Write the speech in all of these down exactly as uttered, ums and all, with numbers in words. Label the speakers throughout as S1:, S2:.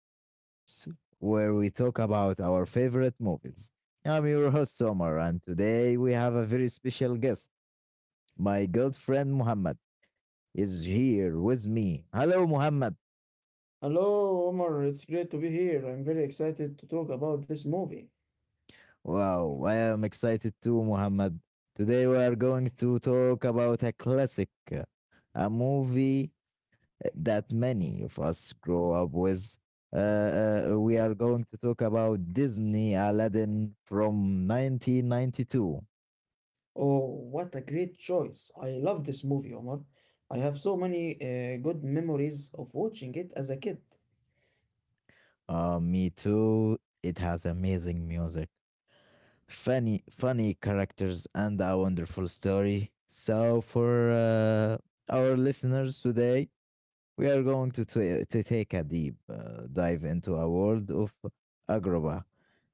S1: the podcast where we talk about our favorite movies. I'm your host Omar, and today we have a very special guest. My good friend Muhammad is here with me. Hello, Muhammad.
S2: Hello, Omar. It's great to be here. I'm very excited to talk about this movie.
S1: Wow, I am excited too, Muhammad. Today we are going to talk about a classic, a movie that many of us grow up with. Uh, uh, we are going to talk about Disney Aladdin from nineteen ninety-two.
S2: Oh, what a great choice. I love this movie, Omar. I have so many uh, good memories of watching it as a kid.
S1: Uh, me too. It has amazing music, funny, funny characters, and a wonderful story. So, for uh, our listeners today, we are going to, ta- to take a deep uh, dive into a world of Agroba.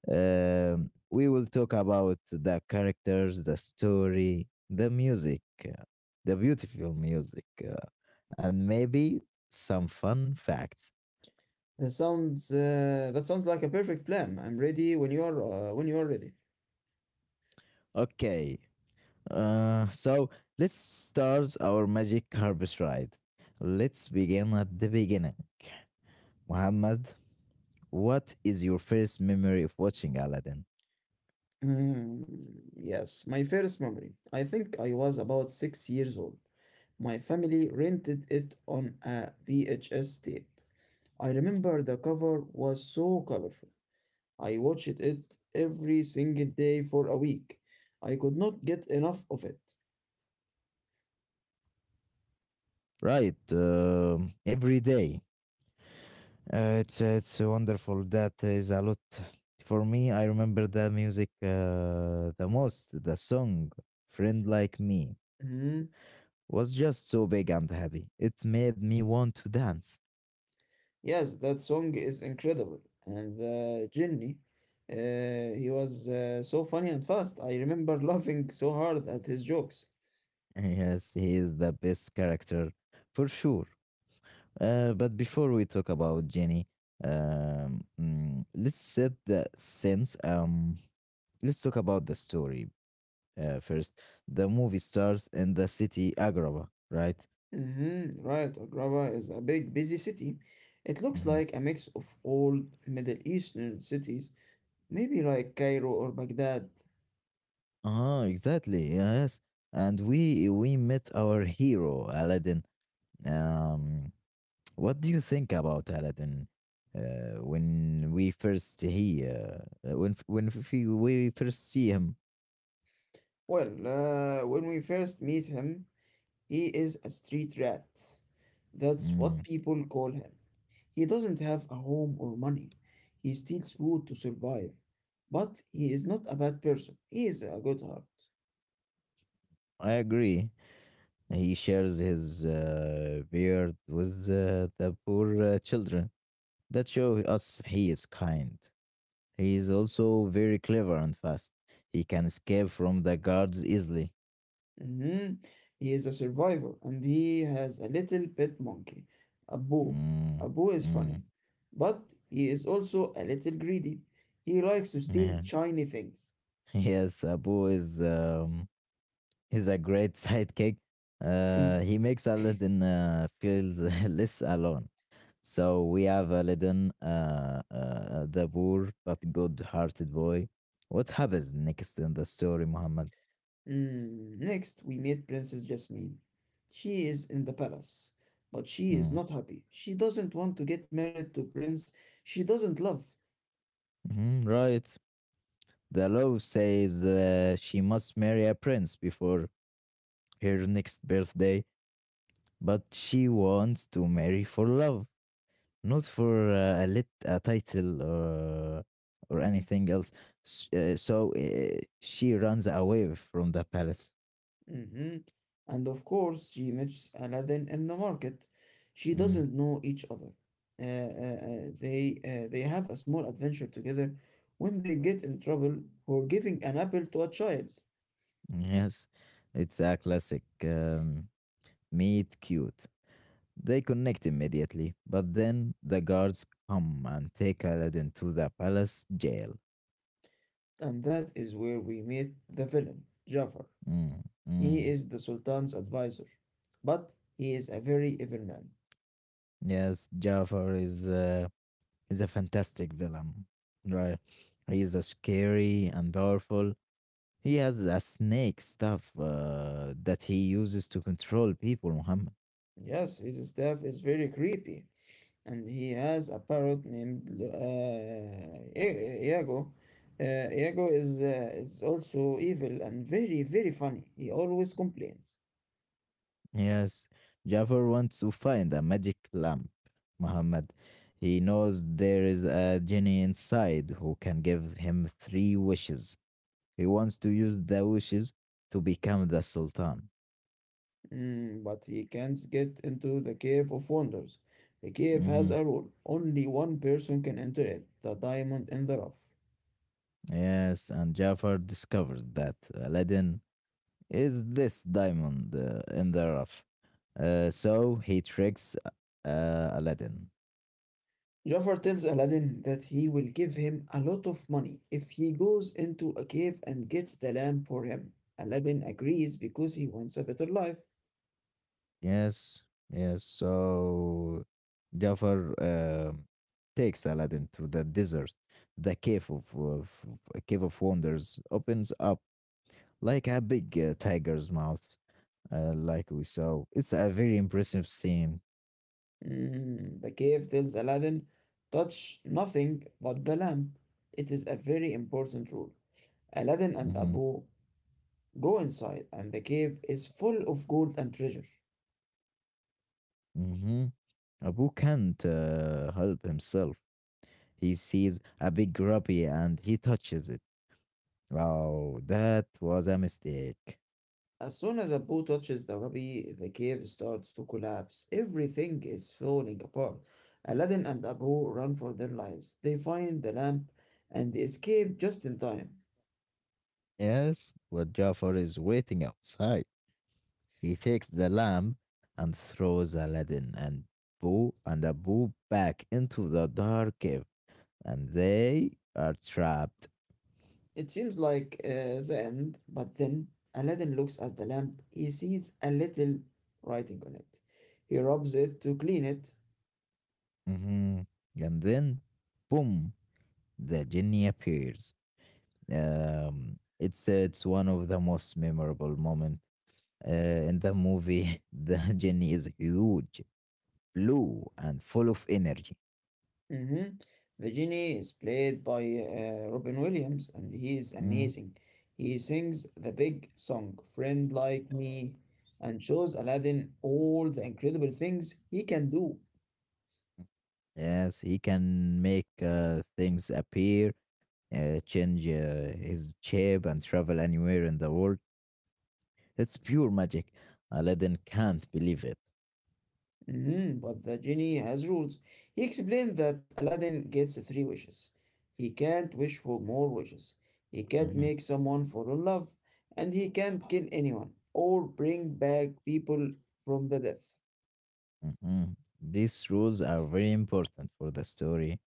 S1: Um, we will talk about the characters, the story, the music, uh, the beautiful music, uh, and maybe some fun facts.
S2: That sounds uh, that sounds like a perfect plan. I'm ready when you are uh, when you are ready.
S1: Okay, uh, so let's start our magic harvest ride. Let's begin at the beginning. Muhammad, what is your first memory of watching Aladdin?
S2: Mm, yes, my first memory. I think I was about six years old. My family rented it on a V H S tape. I remember the cover was so colorful. I watched it every single day for a week. I could not get enough of it.
S1: Right, um every day. Uh, it's it's wonderful. That is a lot for me. I remember the music uh, the most. The song "Friend Like Me"
S2: Mhm.
S1: was just so big and happy. It made me want to dance.
S2: Yes, that song is incredible. And uh, Jenny, uh, he was uh, so funny and fast. I remember laughing so hard at his jokes.
S1: Yes, he is the best character for sure. Uh, but before we talk about Jenny, um, mm, let's set the sense. Um, let's talk about the story uh, first. The movie stars in the city Agrabah, right?
S2: Mm-hmm, right, Agrava is a big, busy city. It looks
S1: Mm-hmm.
S2: like a mix of old Middle Eastern cities, maybe like Cairo or Baghdad.
S1: Ah, exactly. Yes, and we we met our hero Aladdin. Um, what do you think about Aladdin? Uh, when we first he uh, uh, when f- when f- we we first see him,
S2: Well, uh, when we first meet him, he is a street rat. That's
S1: mm,
S2: what people call him. He doesn't have a home or money. He steals food to survive. But he is not a bad person. He is a good heart.
S1: I agree. He shares his uh, beard with uh, the poor uh, children. That shows us he is kind. He is also very clever and fast. He can escape from the guards easily.
S2: Mhm. He is a survivor and he has a little pet monkey, a boo.
S1: Mm,
S2: A boo is
S1: mm.
S2: funny. But he is also a little greedy. He likes to steal
S1: Yeah.
S2: shiny things.
S1: Yes, Abu is um, he's a great sidekick. Uh, he makes Aladdin uh, feels less alone. So we have Aladdin, uh, uh, the poor but good-hearted boy. What happens next in the story, Muhammad?
S2: Mm, Next, we meet Princess Jasmine. She is in the palace, but she is
S1: Mm.
S2: not happy. She doesn't want to get married to prince she doesn't love.
S1: Mhm, right. The law says uh, she must marry a prince before her next birthday, but she wants to marry for love. Not for uh, a lit a title or or anything else. S- uh, so uh, she runs away from the palace.
S2: Mhm. And of course, she meets Aladdin in the market. She
S1: Mm,
S2: doesn't know each other. Uh, uh, uh, they uh, they have a small adventure together when they get in trouble for giving an apple to a child,
S1: yes, it's a classic um, meet cute. They connect immediately, but then the guards come and take Aladdin to the palace jail.
S2: and that is where we meet the villain, Jafar.
S1: Mm,
S2: He
S1: mm.
S2: is the Sultan's advisor, but he is a very evil man.
S1: Yes, Jafar is uh, is a fantastic villain, right? He is a scary and powerful. He has a snake stuff uh, that he uses to control people, Muhammad.
S2: Yes, his staff is very creepy, and he has a parrot named uh, I- Iago. Uh, Iago is, uh, is also evil and very, very funny. He always complains.
S1: Yes, Jafar wants to find a magic lamp, Muhammad. He knows there is a genie inside who can give him three wishes. He wants to use the wishes to become the Sultan.
S2: Mm, but he can't get into the Cave of Wonders. The cave has
S1: Hmm.
S2: a rule only one person can enter it the diamond in the rough.
S1: Yes, and Jafar discovers that Aladdin is this diamond uh, in the rough. Uh, so he tricks uh, Aladdin.
S2: Jafar tells Aladdin that he will give him a lot of money if he goes into a cave and gets the lamp for him. Aladdin agrees because he wants a better life.
S1: Yes, yes. So Jafar um, takes Aladdin to the desert, the cave of, of a cave of wonders. Opens up like a big uh, tiger's mouth, uh, like we saw. It's a very impressive scene.
S2: Mm, the cave tells Aladdin, touch nothing but the lamp. It is a very important rule. Aladdin and
S1: Mm-hmm,
S2: Abu go inside, and the cave is full of gold and treasure.
S1: mm-hmm. Abu can't uh, help himself. He sees a big ruby and he touches it. Oh, that was a mistake.
S2: As soon as Abu touches the Rabi, the cave starts to collapse. Everything is falling apart. Aladdin and Abu run for their lives. They find the lamp and they escape just in time.
S1: Yes, but Jafar is waiting outside. He takes the lamp and throws Aladdin and Boo and Abu back into the dark cave, and they are trapped.
S2: It seems like uh, the end, but then Aladdin looks at the lamp. He sees a little writing on it. He rubs it to clean it.
S1: Mhm. And then, boom, the genie appears. Um, it's it's one of the most memorable moments uh, in the movie. The genie is huge, blue, and full of energy.
S2: Mm-hmm. The genie is played by uh, Robin Williams, and he is
S1: Mm.
S2: amazing. He sings the big song, Friend Like Me, and shows Aladdin all the incredible things he can do.
S1: Yes, he can make uh, things appear, uh, change uh, his shape and travel anywhere in the world. It's pure magic. Aladdin can't believe it.
S2: Mm-hmm. But the genie has rules. He explained that Aladdin gets three wishes. He can't wish for more wishes. He can't
S1: Mhm,
S2: make someone fall in love, and he can't kill anyone or bring back people from the death.
S1: mhm. These rules are very important for the story.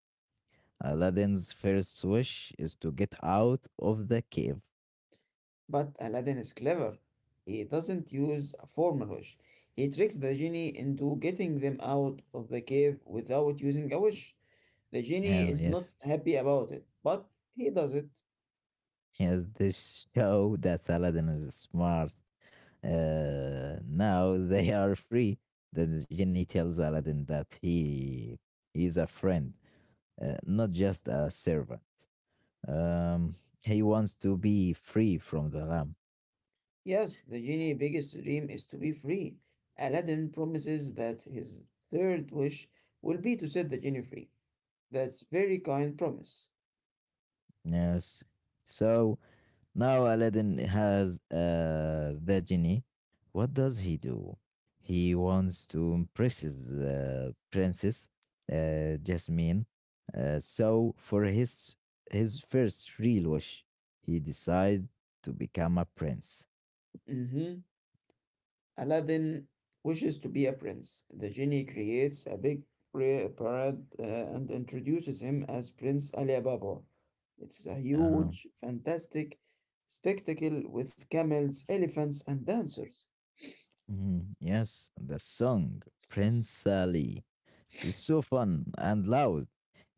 S1: Aladdin's first wish is to get out of the cave.
S2: But Aladdin is clever. He doesn't use a formal wish. He tricks the genie into getting them out of the cave without using a wish. The genie
S1: Yeah,
S2: is not
S1: yes.
S2: happy about it, but he does it.
S1: Yes, this show that Aladdin is smart. Uh, now they are free. The genie tells Aladdin that he is a friend, uh, not just a servant. Um, he wants to be free from the lamp.
S2: Yes, the genie's biggest dream is to be free. Aladdin promises that his third wish will be to set the genie free. That's very kind promise.
S1: Yes. So now Aladdin has uh, the genie. What does he do? He wants to impress the princess, uh, Jasmine. Uh, so for his his first real wish, he decides to become a prince.
S2: Mhm. Aladdin wishes to be a prince. The genie creates a big pra- parade uh, and introduces him as Prince Ali Baba. It's a
S1: Uh,
S2: huge, fantastic spectacle with camels, elephants, and dancers.
S1: mhm, yes, the song Prince Ali is so fun and loud.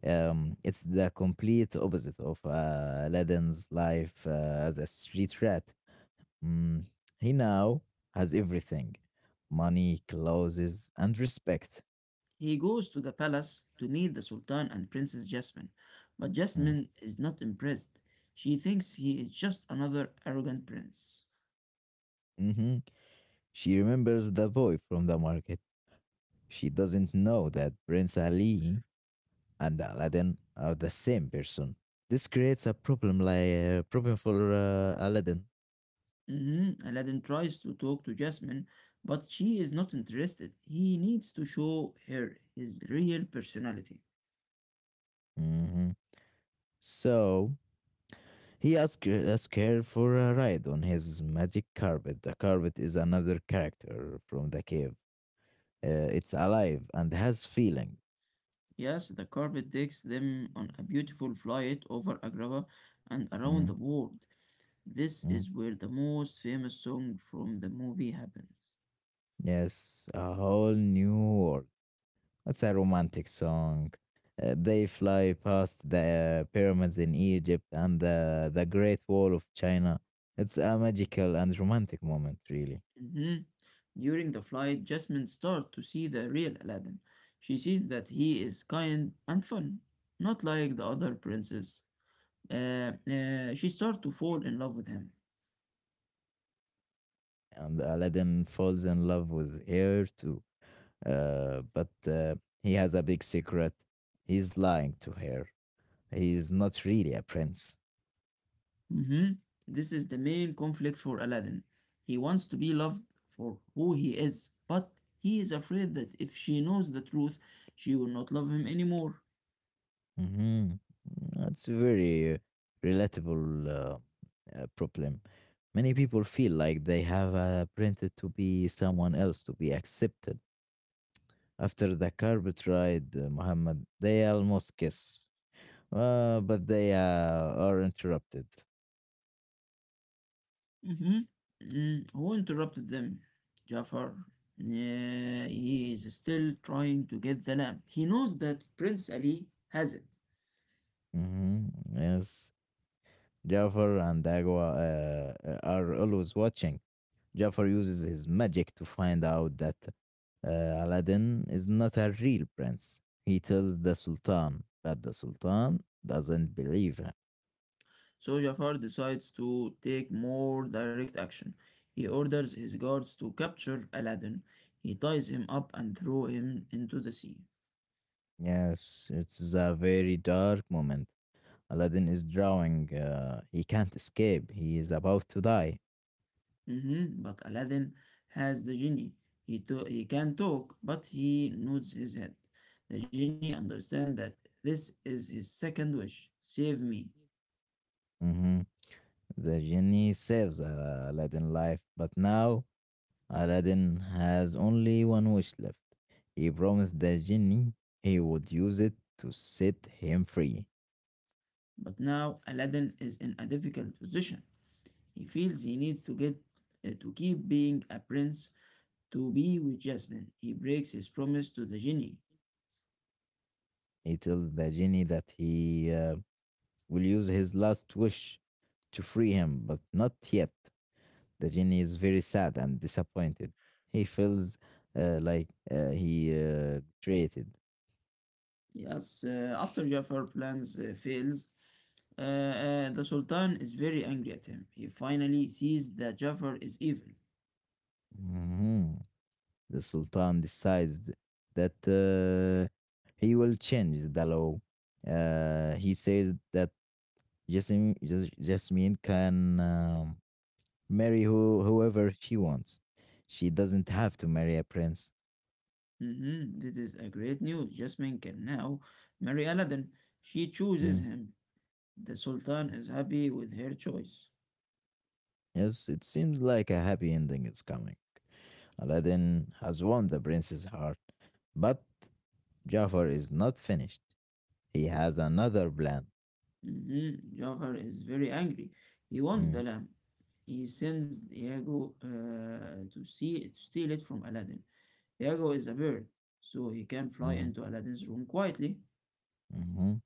S1: Um, it's the complete opposite of uh, Aladdin's life uh, as a street rat. Mm, he now has everything, money, clothes, and respect.
S2: He goes to the palace to meet the Sultan and Princess Jasmine, but
S1: Mm,
S2: Jasmine is not impressed. She thinks he is just another arrogant prince.
S1: mhm. She remembers the boy from the market. She doesn't know that Prince Ali and Aladdin are the same person. This creates a problem, like uh, problem for uh, Aladdin.
S2: Mhm. Aladdin tries to talk to Jasmine, but she is not interested. He needs to show her his real personality.
S1: Mhm. So He asks ask her for a ride on his magic carpet. The carpet is another character from the cave. Uh, it's alive and has feeling.
S2: Yes, the carpet takes them on a beautiful flight over Agrabah and
S1: Mm,
S2: around the world. This
S1: mm.
S2: is where the most famous song from the movie happens.
S1: Yes, a whole new world. It's a romantic song. Uh, they fly past the pyramids in Egypt and the, the Great Wall of China. It's a magical and romantic moment, really.
S2: Mhm. During the flight, Jasmine starts to see the real Aladdin. She sees that he is kind and fun, not like the other princes. Uh, uh, she starts to fall in love with him.
S1: And Aladdin falls in love with her too. Uh, but uh, he has a big secret. He's lying to her. He's not really a prince.
S2: Hmm. This is the main conflict for Aladdin. He wants to be loved for who he is, but he is afraid that if she knows the truth, she will not love him anymore.
S1: Hmm. That's a very relatable uh, uh, problem. Many people feel like they have uh, printed to be someone else to be accepted. After the carpet ride, uh, Muhammad, they almost kiss, uh, but they uh, are interrupted.
S2: Hmm. Who interrupted them? Jafar. Yeah, he is still trying to get the lamp. He knows that Prince Ali has it.
S1: Hmm. Yes, Jafar and Agua uh, uh, are always watching. Jafar uses his magic to find out that uh, Aladdin is not a real prince. He tells the Sultan, but the Sultan doesn't believe him.
S2: So Jafar decides to take more direct action. He orders his guards to capture Aladdin. He ties him up and throw him into the sea.
S1: Yes, it's a very dark moment. Aladdin is drowning. Uh, he can't escape. He is about to die.
S2: Mhm. But Aladdin has the genie. He, to- he can talk, but he nods his head. The genie understands that this is his second wish save me.
S1: Mhm. The genie saves uh, Aladdin's life, but now Aladdin has only one wish left. He promised the genie he would use it to set him free.
S2: But now Aladdin is in a difficult position. He feels he needs to get uh, to keep being a prince to be with Jasmine. He breaks his promise to the genie.
S1: He tells the genie that he uh, will use his last wish to free him, but not yet. The genie is very sad and disappointed. He feels uh, like uh, he uh, betrayed.
S2: Yes, uh, after Jafar plans uh, fails, uh, uh, the Sultan is very angry at him. He finally sees that Jafar is evil.
S1: Mhm. The Sultan decides that uh, he will change the law. Uh, he says that Jasmine, Jas- Jasmine can um, marry who, whoever she wants. She doesn't have to marry a prince.
S2: Mm-hmm. This is a great news. Jasmine can now marry Aladdin. She
S1: Mm-hmm.
S2: chooses him. The Sultan is happy with her choice.
S1: Yes, it seems like a happy ending is coming. Aladdin has won the prince's heart, but Jafar is not finished. He has another plan.
S2: Mm-hmm. Jafar is very angry. He wants the
S1: Mm,
S2: lamp. He sends Iago uh, to see to steal it from Aladdin. Iago is a bird, so he can fly
S1: mhm,
S2: into Aladdin's room quietly.
S1: mhm.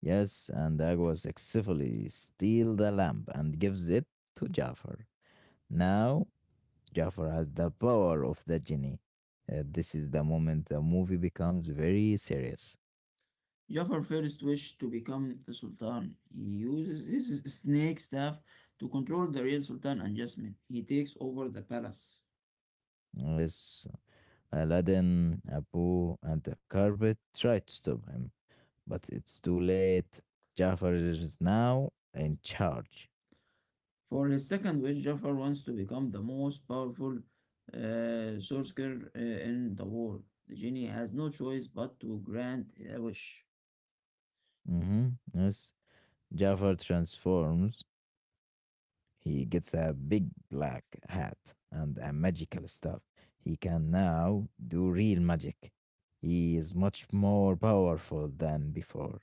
S1: Yes, and Agwa successfully steals the lamp and gives it to Jafar. Now, Jafar has the power of the genie. Uh, this is the moment the movie becomes very serious.
S2: Jafar first wished to become the Sultan. He uses his snake staff to control the real Sultan and Jasmine. He takes over the palace.
S1: Yes, Aladdin, Abu, and the carpet try to stop him but it's too late. Jafar is now in charge.
S2: For his second wish, Jafar wants to become the most powerful uh, sorcerer uh, in the world. The genie has no choice but to grant a wish.
S1: Mhm. Yes, Jafar transforms. He gets a big black hat and a magical staff. He can now do real magic. He is much more powerful than before.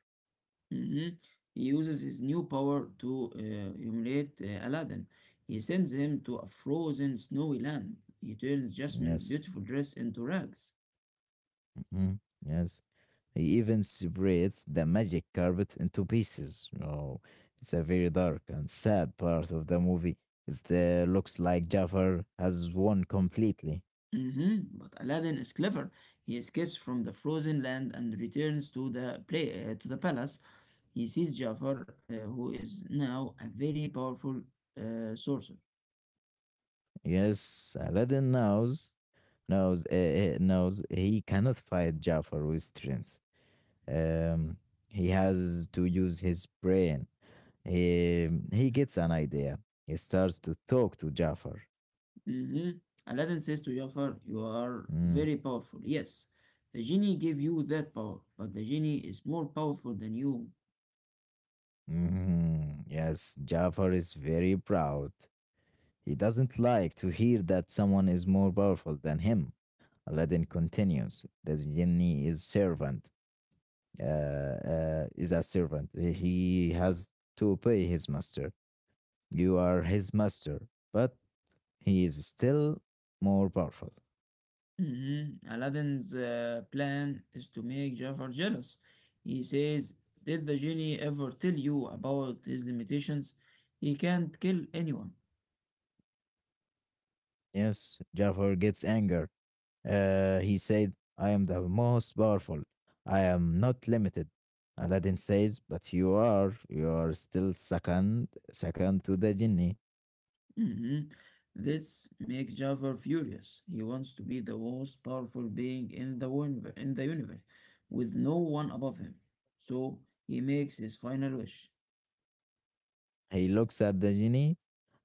S2: Mhm. He uses his new power to uh, humiliate uh, Aladdin. He sends him to a frozen snowy land. He turns Jasmine's
S1: Yes.
S2: beautiful dress into rags.
S1: Mhm, yes. He even separates the magic carpet into pieces. Oh, it's a very dark and sad part of the movie. It uh, looks like Jafar has won completely.
S2: Mhm. But Aladdin is clever. He escapes from the frozen land and returns to the play uh, to the palace. He sees Jafar, uh, who is now a very powerful uh, sorcerer.
S1: Yes, Aladdin knows, knows, uh, uh, knows he cannot fight Jafar with strength. Um, he has to use his brain. He, he gets an idea. He starts to talk to Jafar.
S2: Mhm. Aladdin says to Jafar, you are
S1: Mm.
S2: very powerful. Yes, the genie gave you that power, but the genie is more powerful than you.
S1: Mhm. Yes, Jafar is very proud. He doesn't like to hear that someone is more powerful than him. Aladdin continues. The genie is servant, uh, uh, is a servant. He has to obey his master. You are his master, but he is still more powerful.
S2: Mhm. Aladdin's uh, plan is to make Jafar jealous. He says, did the genie ever tell you about his limitations? He can't kill anyone.
S1: Yes, Jafar gets anger. Uh, he said, I am the most powerful. I am not limited. Aladdin says, but you are, you are still second, second to the genie.
S2: Mhm. This makes Jafar furious. He wants to be the most powerful being in the universe, in the universe, with no one above him. So he makes his final wish.
S1: He looks at the genie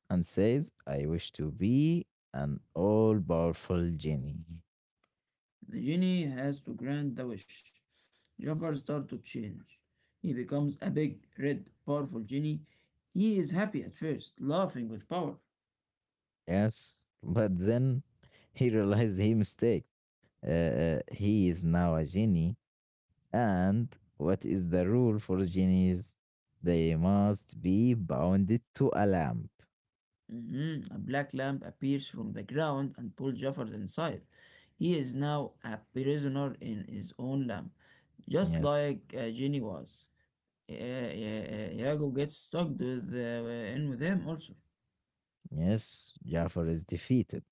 S1: and says, I wish to be an all powerful genie.
S2: The genie has to grant the wish. Jafar starts to change. He becomes a big, red, powerful genie. He is happy at first, laughing with power.
S1: Yes, but then he realizes he mistakes. Uh, uh, he is now a genie. And what is the rule for genies? They must be bounded to a lamp.
S2: Mhm. A black lamp appears from the ground and pulls Jafar inside. He is now a prisoner in his own lamp, just
S1: Yes,
S2: like uh, Ginny was. Uh, uh, Yago gets stuck with, uh, in with him also.
S1: yes, Jafar is defeated.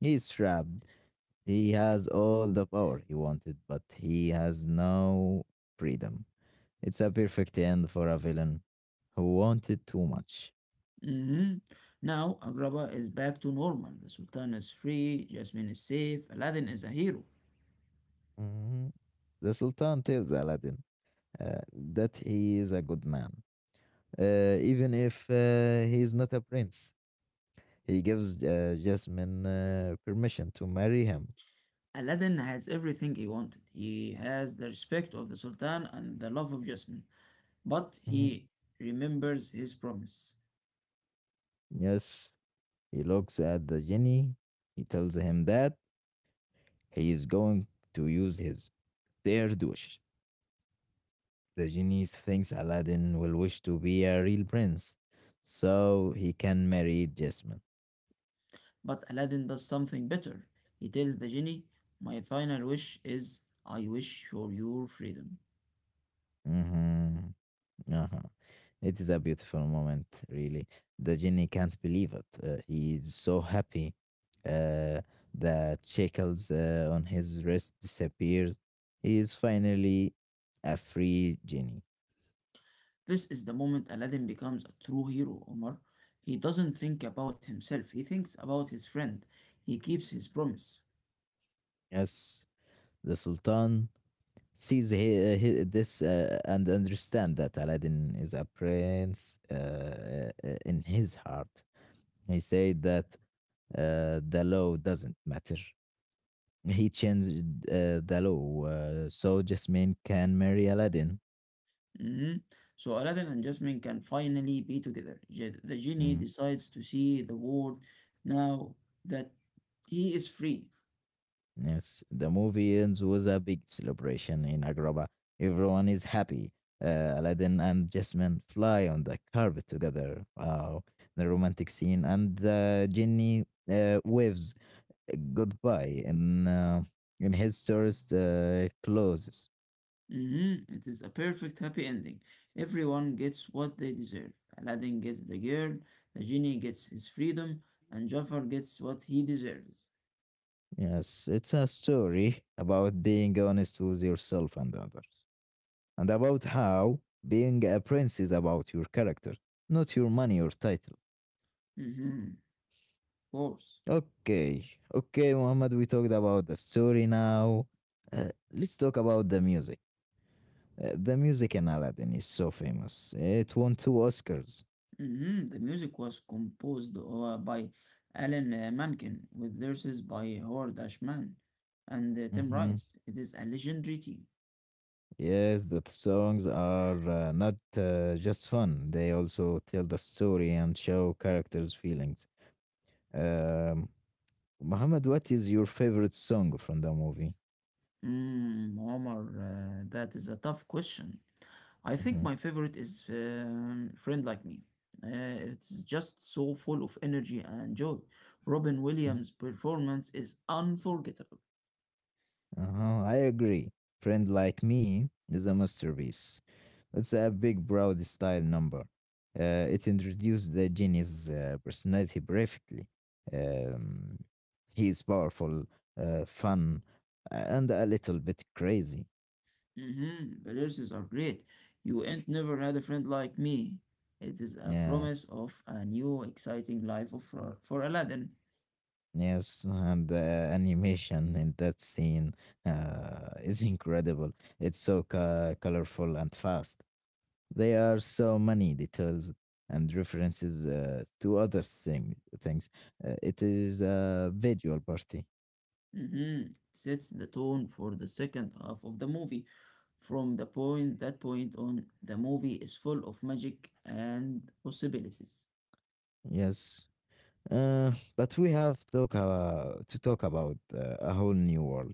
S1: He is trapped. He has all the power he wanted, but he has no freedom. It's a perfect end for a villain who wanted too much.
S2: Hmm. Now Agrabah is back to normal. The Sultan is free, Jasmine is safe, Aladdin is a hero.
S1: Mhm. The Sultan tells Aladdin uh, that he is a good man, uh, even if uh, he is not a prince. He gives uh, Jasmine uh, permission to marry him.
S2: Aladdin has everything he wanted. He has the respect of the Sultan and the love of Jasmine, but
S1: Mhm.
S2: he remembers his promise.
S1: Yes, he looks at the genie. He tells him that he is going to use his third wish. The genie thinks Aladdin will wish to be a real prince, so he can marry Jasmine.
S2: But Aladdin does something better. He tells the genie, my final wish is, I wish for your freedom.
S1: Mhm. Uh-huh. It is a beautiful moment, really. The genie can't believe it. Uh, he is so happy. Uh, the shackles uh, on his wrist disappears. He is finally a free genie.
S2: This is the moment Aladdin becomes a true hero, Omar. He doesn't think about himself, he thinks about his friend. He keeps his promise.
S1: Yes, the Sultan sees he, he, this uh, and understand that Aladdin is a prince uh, uh, in his heart. He said that uh, the law doesn't matter. He changed uh, the law uh, so Jasmine can marry Aladdin.
S2: Mhm. So Aladdin and Jasmine can finally be together. Je- the genie
S1: Mm,
S2: decides to see the world now that he is free.
S1: Yes, the movie ends with a big celebration in Agrabah. Everyone is happy. Uh, Aladdin and Jasmine fly on the carpet together. Wow, the romantic scene. And the Genie uh, waves goodbye in, uh, in his tourist uh, clothes.
S2: Mhm. It is a perfect happy ending. Everyone gets what they deserve. Aladdin gets the girl, the genie gets his freedom, and Jafar gets what he deserves.
S1: Yes, it's a story about being honest with yourself and others, and about how being a prince is about your character, not your money or title.
S2: Hmm. Of course.
S1: Okay, okay, Muhammad, we talked about the story now. Uh, let's talk about the music. Uh, the music in Aladdin is so famous. It won two Oscars.
S2: Hmm. The music was composed uh, by Alan uh, Menken with verses by Howard Ashman and uh, Tim
S1: hmm
S2: Rice. It is a legendary team.
S1: Yes, the songs are uh, not uh, just fun, they also tell the story and show characters' feelings. Um, Muhammad, what is your favorite song from the movie?
S2: Mm, Omar, uh, that is a tough question. I think
S1: hmm
S2: my favorite is um, Friend Like Me. Uh, it's just so full of energy and joy. Robin Williams' performance is unforgettable.
S1: Uh-huh, I agree. Friend Like Me is a masterpiece. It's a big, broad style number. Uh, it introduced the genie's uh, personality perfectly. Um, he is powerful, uh, fun, uh, and a little bit crazy.
S2: Hmm. The lyrics are great. You ain't never had a friend like me. It is a
S1: Yeah,
S2: promise of a new, exciting life of, for, for Aladdin.
S1: yes, and the animation in that scene uh, is incredible. It's so co- colorful and fast. There are so many details and references uh, to other thing, things. Uh, it is a visual party,
S2: Hmm. Sets the tone for the second half of the movie. From the point that point on, the movie is full of magic and possibilities.
S1: yes. Uh, but we have talk, uh, to talk about uh, a whole new world.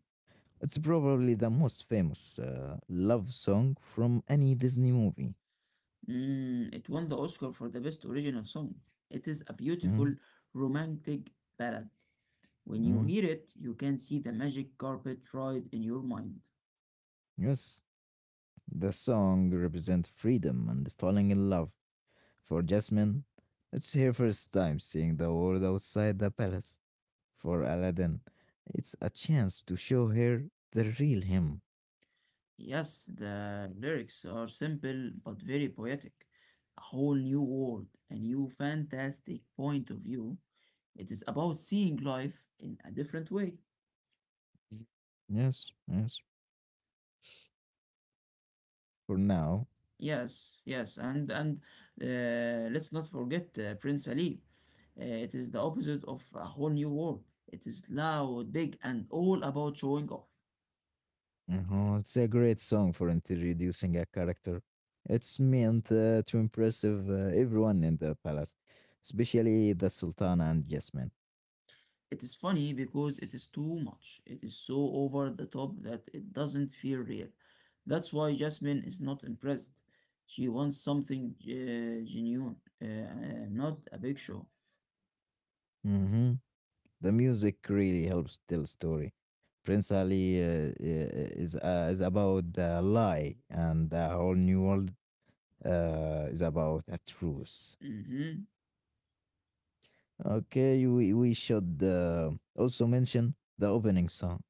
S1: It's probably the most famous uh, love song from any Disney movie.
S2: Mm, it won the Oscar for the Best Original Song. It is a beautiful
S1: Mm,
S2: romantic ballad. When you
S1: mm,
S2: hear it, you can see the magic carpet ride in your mind.
S1: yes, the song represents freedom and falling in love. For Jasmine, it's her first time seeing the world outside the palace. For Aladdin, it's a chance to show her the real him.
S2: Yes, the lyrics are simple but very poetic. A whole new world, a new fantastic point of view. It is about seeing life in a different way.
S1: Yes, yes, for now.
S2: Yes, yes, and and uh, let's not forget uh, Prince Ali. Uh, it is the opposite of a whole new world. It is loud, big, and all about showing off.
S1: Uh-huh, it's a great song for introducing a character. It's meant uh, to impress uh, everyone in the palace, especially the sultana and Jasmine.
S2: It is funny because it is too much. It is so over the top that it doesn't feel real. That's why Jasmine is not impressed. She wants something uh, genuine, uh, uh, not a big show.
S1: hmm The music really helps tell story. Prince Ali uh, uh, is uh, is about the lie, and the whole new world uh, is about a truth.
S2: Mhm.
S1: Okay, we, we should uh, also mention the opening song,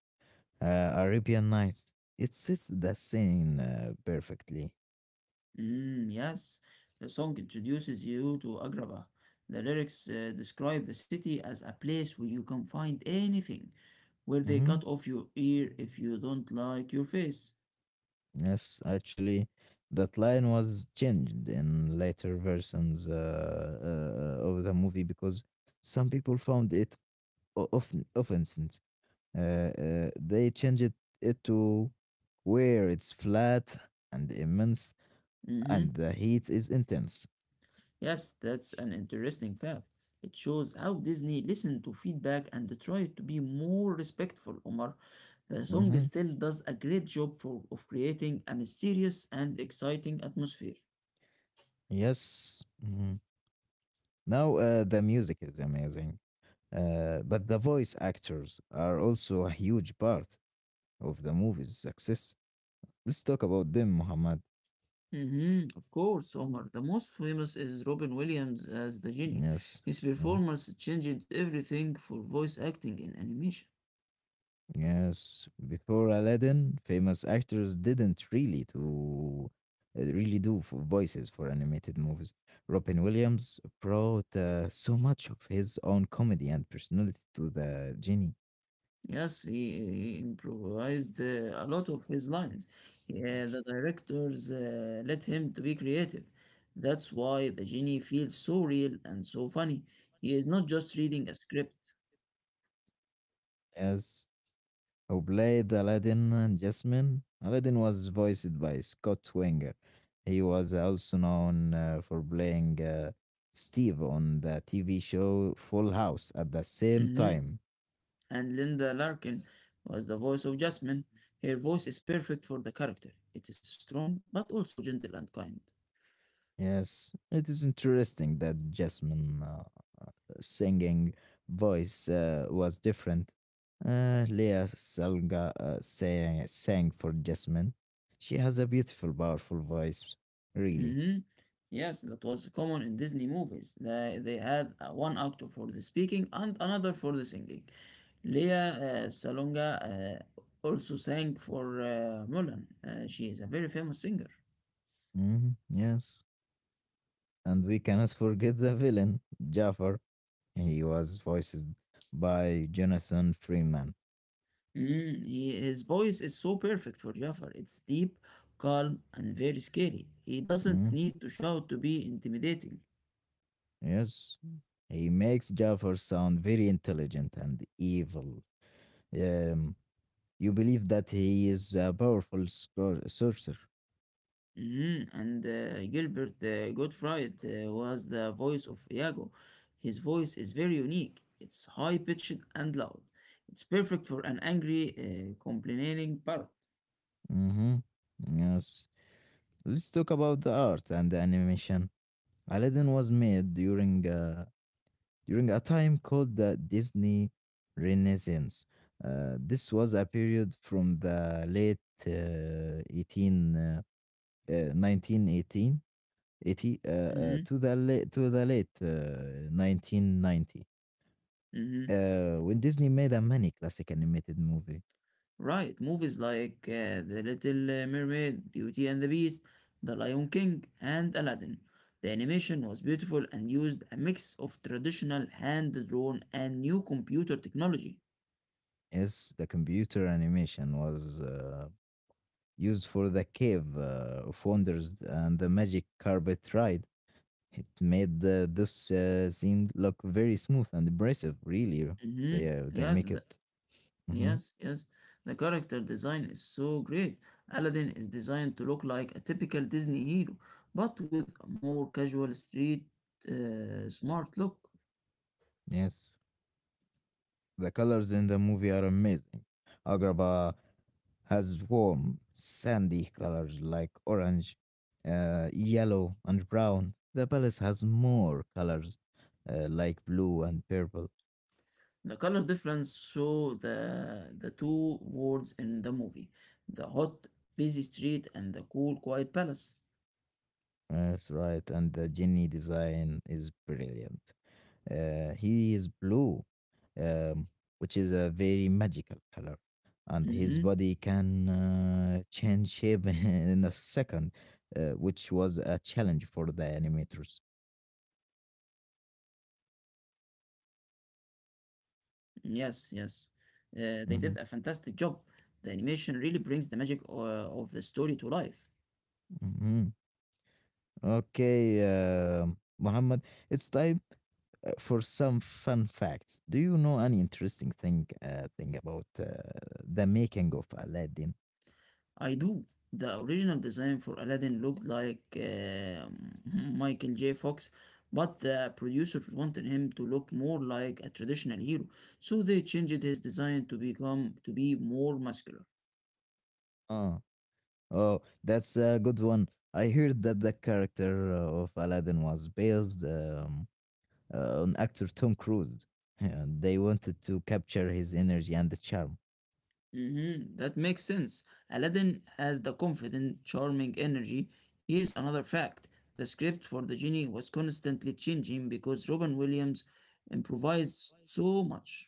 S1: uh, Arabian Nights. It sets the scene uh, perfectly.
S2: Mm, yes, the song introduces you to Agrabah. The lyrics uh, describe the city as a place where you can find anything, where they
S1: hmm
S2: cut off your ear if you don't like your face.
S1: Yes, actually, that line was changed in later versions uh, uh, of the movie because some people found it o- offen- offensive. Uh, uh, they changed it, it to where it's flat and immense
S2: hmm
S1: and the heat is intense.
S2: Yes, that's an interesting fact. It shows how Disney listened to feedback and tried to be more respectful, Omar. The song
S1: hmm
S2: still does a great job for, of creating a mysterious and exciting atmosphere.
S1: Yes. Mm-hmm. Now, uh, the music is amazing, uh, but the voice actors are also a huge part of the movie's success. Let's talk about them, Muhammad.
S2: Mhm. Of course, Omar. The most famous is Robin Williams as the genie.
S1: Yes.
S2: His
S1: Mm,
S2: performance changed everything for voice acting in animation.
S1: yes. Before Aladdin, famous actors didn't really to uh, really do f- voices for animated movies. Robin Williams brought uh, so much of his own comedy and personality to the genie.
S2: Yes, he, he improvised uh, a lot of his lines. Yeah, the directors uh, let him to be creative. That's why the genie feels so real and so funny. He is not just reading a script.
S1: Yes, who played Aladdin and Jasmine. Aladdin was voiced by Scott Winger. He was also known uh, for playing uh, Steve on the T V show Full House at the same
S2: Mhm.
S1: time.
S2: And Linda Larkin was the voice of Jasmine. Her voice is perfect for the character. It is strong, but also gentle and kind.
S1: Yes, it is interesting that Jasmine uh, uh, singing voice uh, was different. Uh, Leah Salga uh, sang, sang for Jasmine. She has a beautiful, powerful voice, really.
S2: hmm Yes, that was common in Disney movies. They, they had uh, one actor for the speaking and another for the singing. Leah uh, Salonga uh, also sang for uh, Mulan. Uh, she is a very famous singer.
S1: Mhm, yes. And we cannot forget the villain, Jafar. He was voiced by Jonathan Freeman.
S2: Mm, he, his voice is so perfect for Jafar. It's deep, calm, and very scary. He doesn't
S1: Mm,
S2: need to shout to be intimidating.
S1: Yes, he makes Jafar sound very intelligent and evil. Um, you believe that he is a powerful scor- sorcerer.
S2: Mhm. And uh, Gilbert uh, Gottfried uh, was the voice of Iago. His voice is very unique. It's high pitched and loud. It's perfect for an angry, uh, complaining parrot.
S1: hmm Yes. Let's talk about the art and the animation. Aladdin was made during uh, during a time called the Disney Renaissance. Uh, this was a period from the late uh, eighteen, uh, uh, nineteen eighteen uh, uh,
S2: hmm
S1: to the late, to the late uh, nineteen ninety,
S2: hmm
S1: uh, when Disney made a many classic animated movie.
S2: Right. Movies like uh, The Little uh, Mermaid, Beauty and the Beast, The Lion King, and Aladdin. The animation was beautiful and used a mix of traditional hand drawn and new computer technology.
S1: As the computer animation was uh, used for the Cave uh, of Wonders and the Magic Carpet Ride, it made uh, those uh, scenes look very smooth and impressive. Really, they
S2: hmm
S1: uh, they
S2: Yes,
S1: make it. hmm
S2: Yes, yes. The character design is so great. Aladdin is designed to look like a typical Disney hero, but with a more casual street uh, smart look.
S1: Yes, the colors in the movie are amazing. Agrabah has warm, sandy colors like orange, uh, yellow, and brown. The palace has more colors uh, like blue and purple.
S2: The color difference show the the two worlds in the movie, the hot busy street and the cool quiet palace.
S1: That's right, and the genie design is brilliant. Uh, he is blue, um, which is a very magical color, and his
S2: Mm-hmm.
S1: body can uh, change shape in a second, uh, which was a challenge for the animators.
S2: Yes, yes. Uh, they did a fantastic job. The
S1: hmm
S2: animation really brings the magic uh, of the story to life.
S1: hmm Okay, um Muhammad, it's time uh, for some fun facts. Do you know any interesting thing uh, thing about uh, the making of Aladdin?
S2: I do. The original design for Aladdin looked like uh, Michael J. Fox, but the producers wanted him to look more like a traditional hero, so they changed his design to become to be more muscular.
S1: Ah, Oh, that's a good one. I heard that the character uh, of Aladdin was based um, uh, on actor Tom Cruise. And they wanted to capture his energy and the charm.
S2: Mhm, that makes sense. Aladdin has the confident, charming energy. Here's another fact: the script for the genie was constantly changing because Robin Williams improvised so much.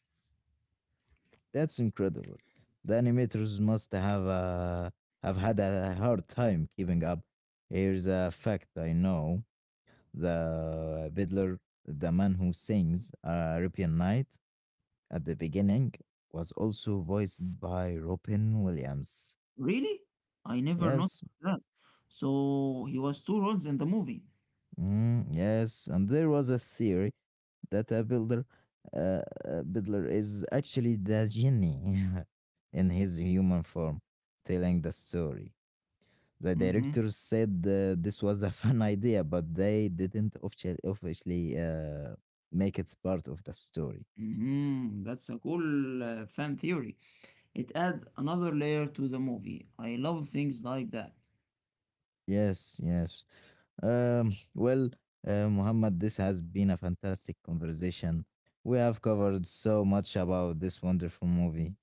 S1: That's incredible. The animators must have uh, have had a hard time keeping up. Here's a fact I know: the fiddler, the man who sings uh, "Arabian Night" at the beginning, was also voiced by Robin Williams.
S2: Really? I never
S1: Yes,
S2: noticed that. So he was two roles in the movie.
S1: Mm, yes, and there was a theory that a builder, uh, a builder is actually the genie in his human form, telling the story. The
S2: Mm-hmm.
S1: directors said uh, this was a fun idea, but they didn't officially, officially uh, make it part of the story.
S2: Mm-hmm. That's a cool uh, fan theory. It adds another layer to the movie. I love things like that.
S1: Yes, yes. Um, well, uh, Muhammad, this has been a fantastic conversation. We have covered so much about this wonderful movie.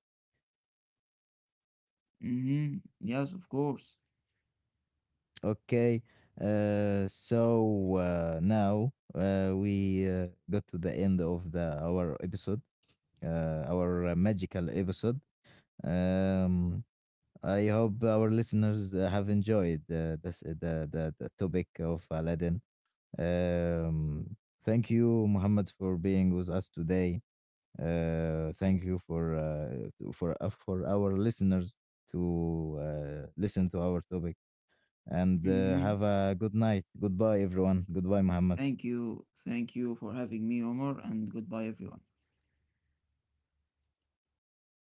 S2: Mm-hmm. Yes, of course.
S1: Okay. Uh, so uh, now uh, we uh, got to the end of the our episode, uh, our uh, magical episode. Um, I hope our listeners uh, have enjoyed uh, this, uh, the, the the topic of Aladdin. Um, Thank you, Muhammad, for being with us today. Uh, thank you for uh, to- for uh, for our listeners to uh, listen to our topic and uh,
S2: Mm-hmm.
S1: have a good night. Goodbye, everyone. Goodbye, Muhammad.
S2: Thank you. Thank you for having me, Omar, and goodbye, everyone.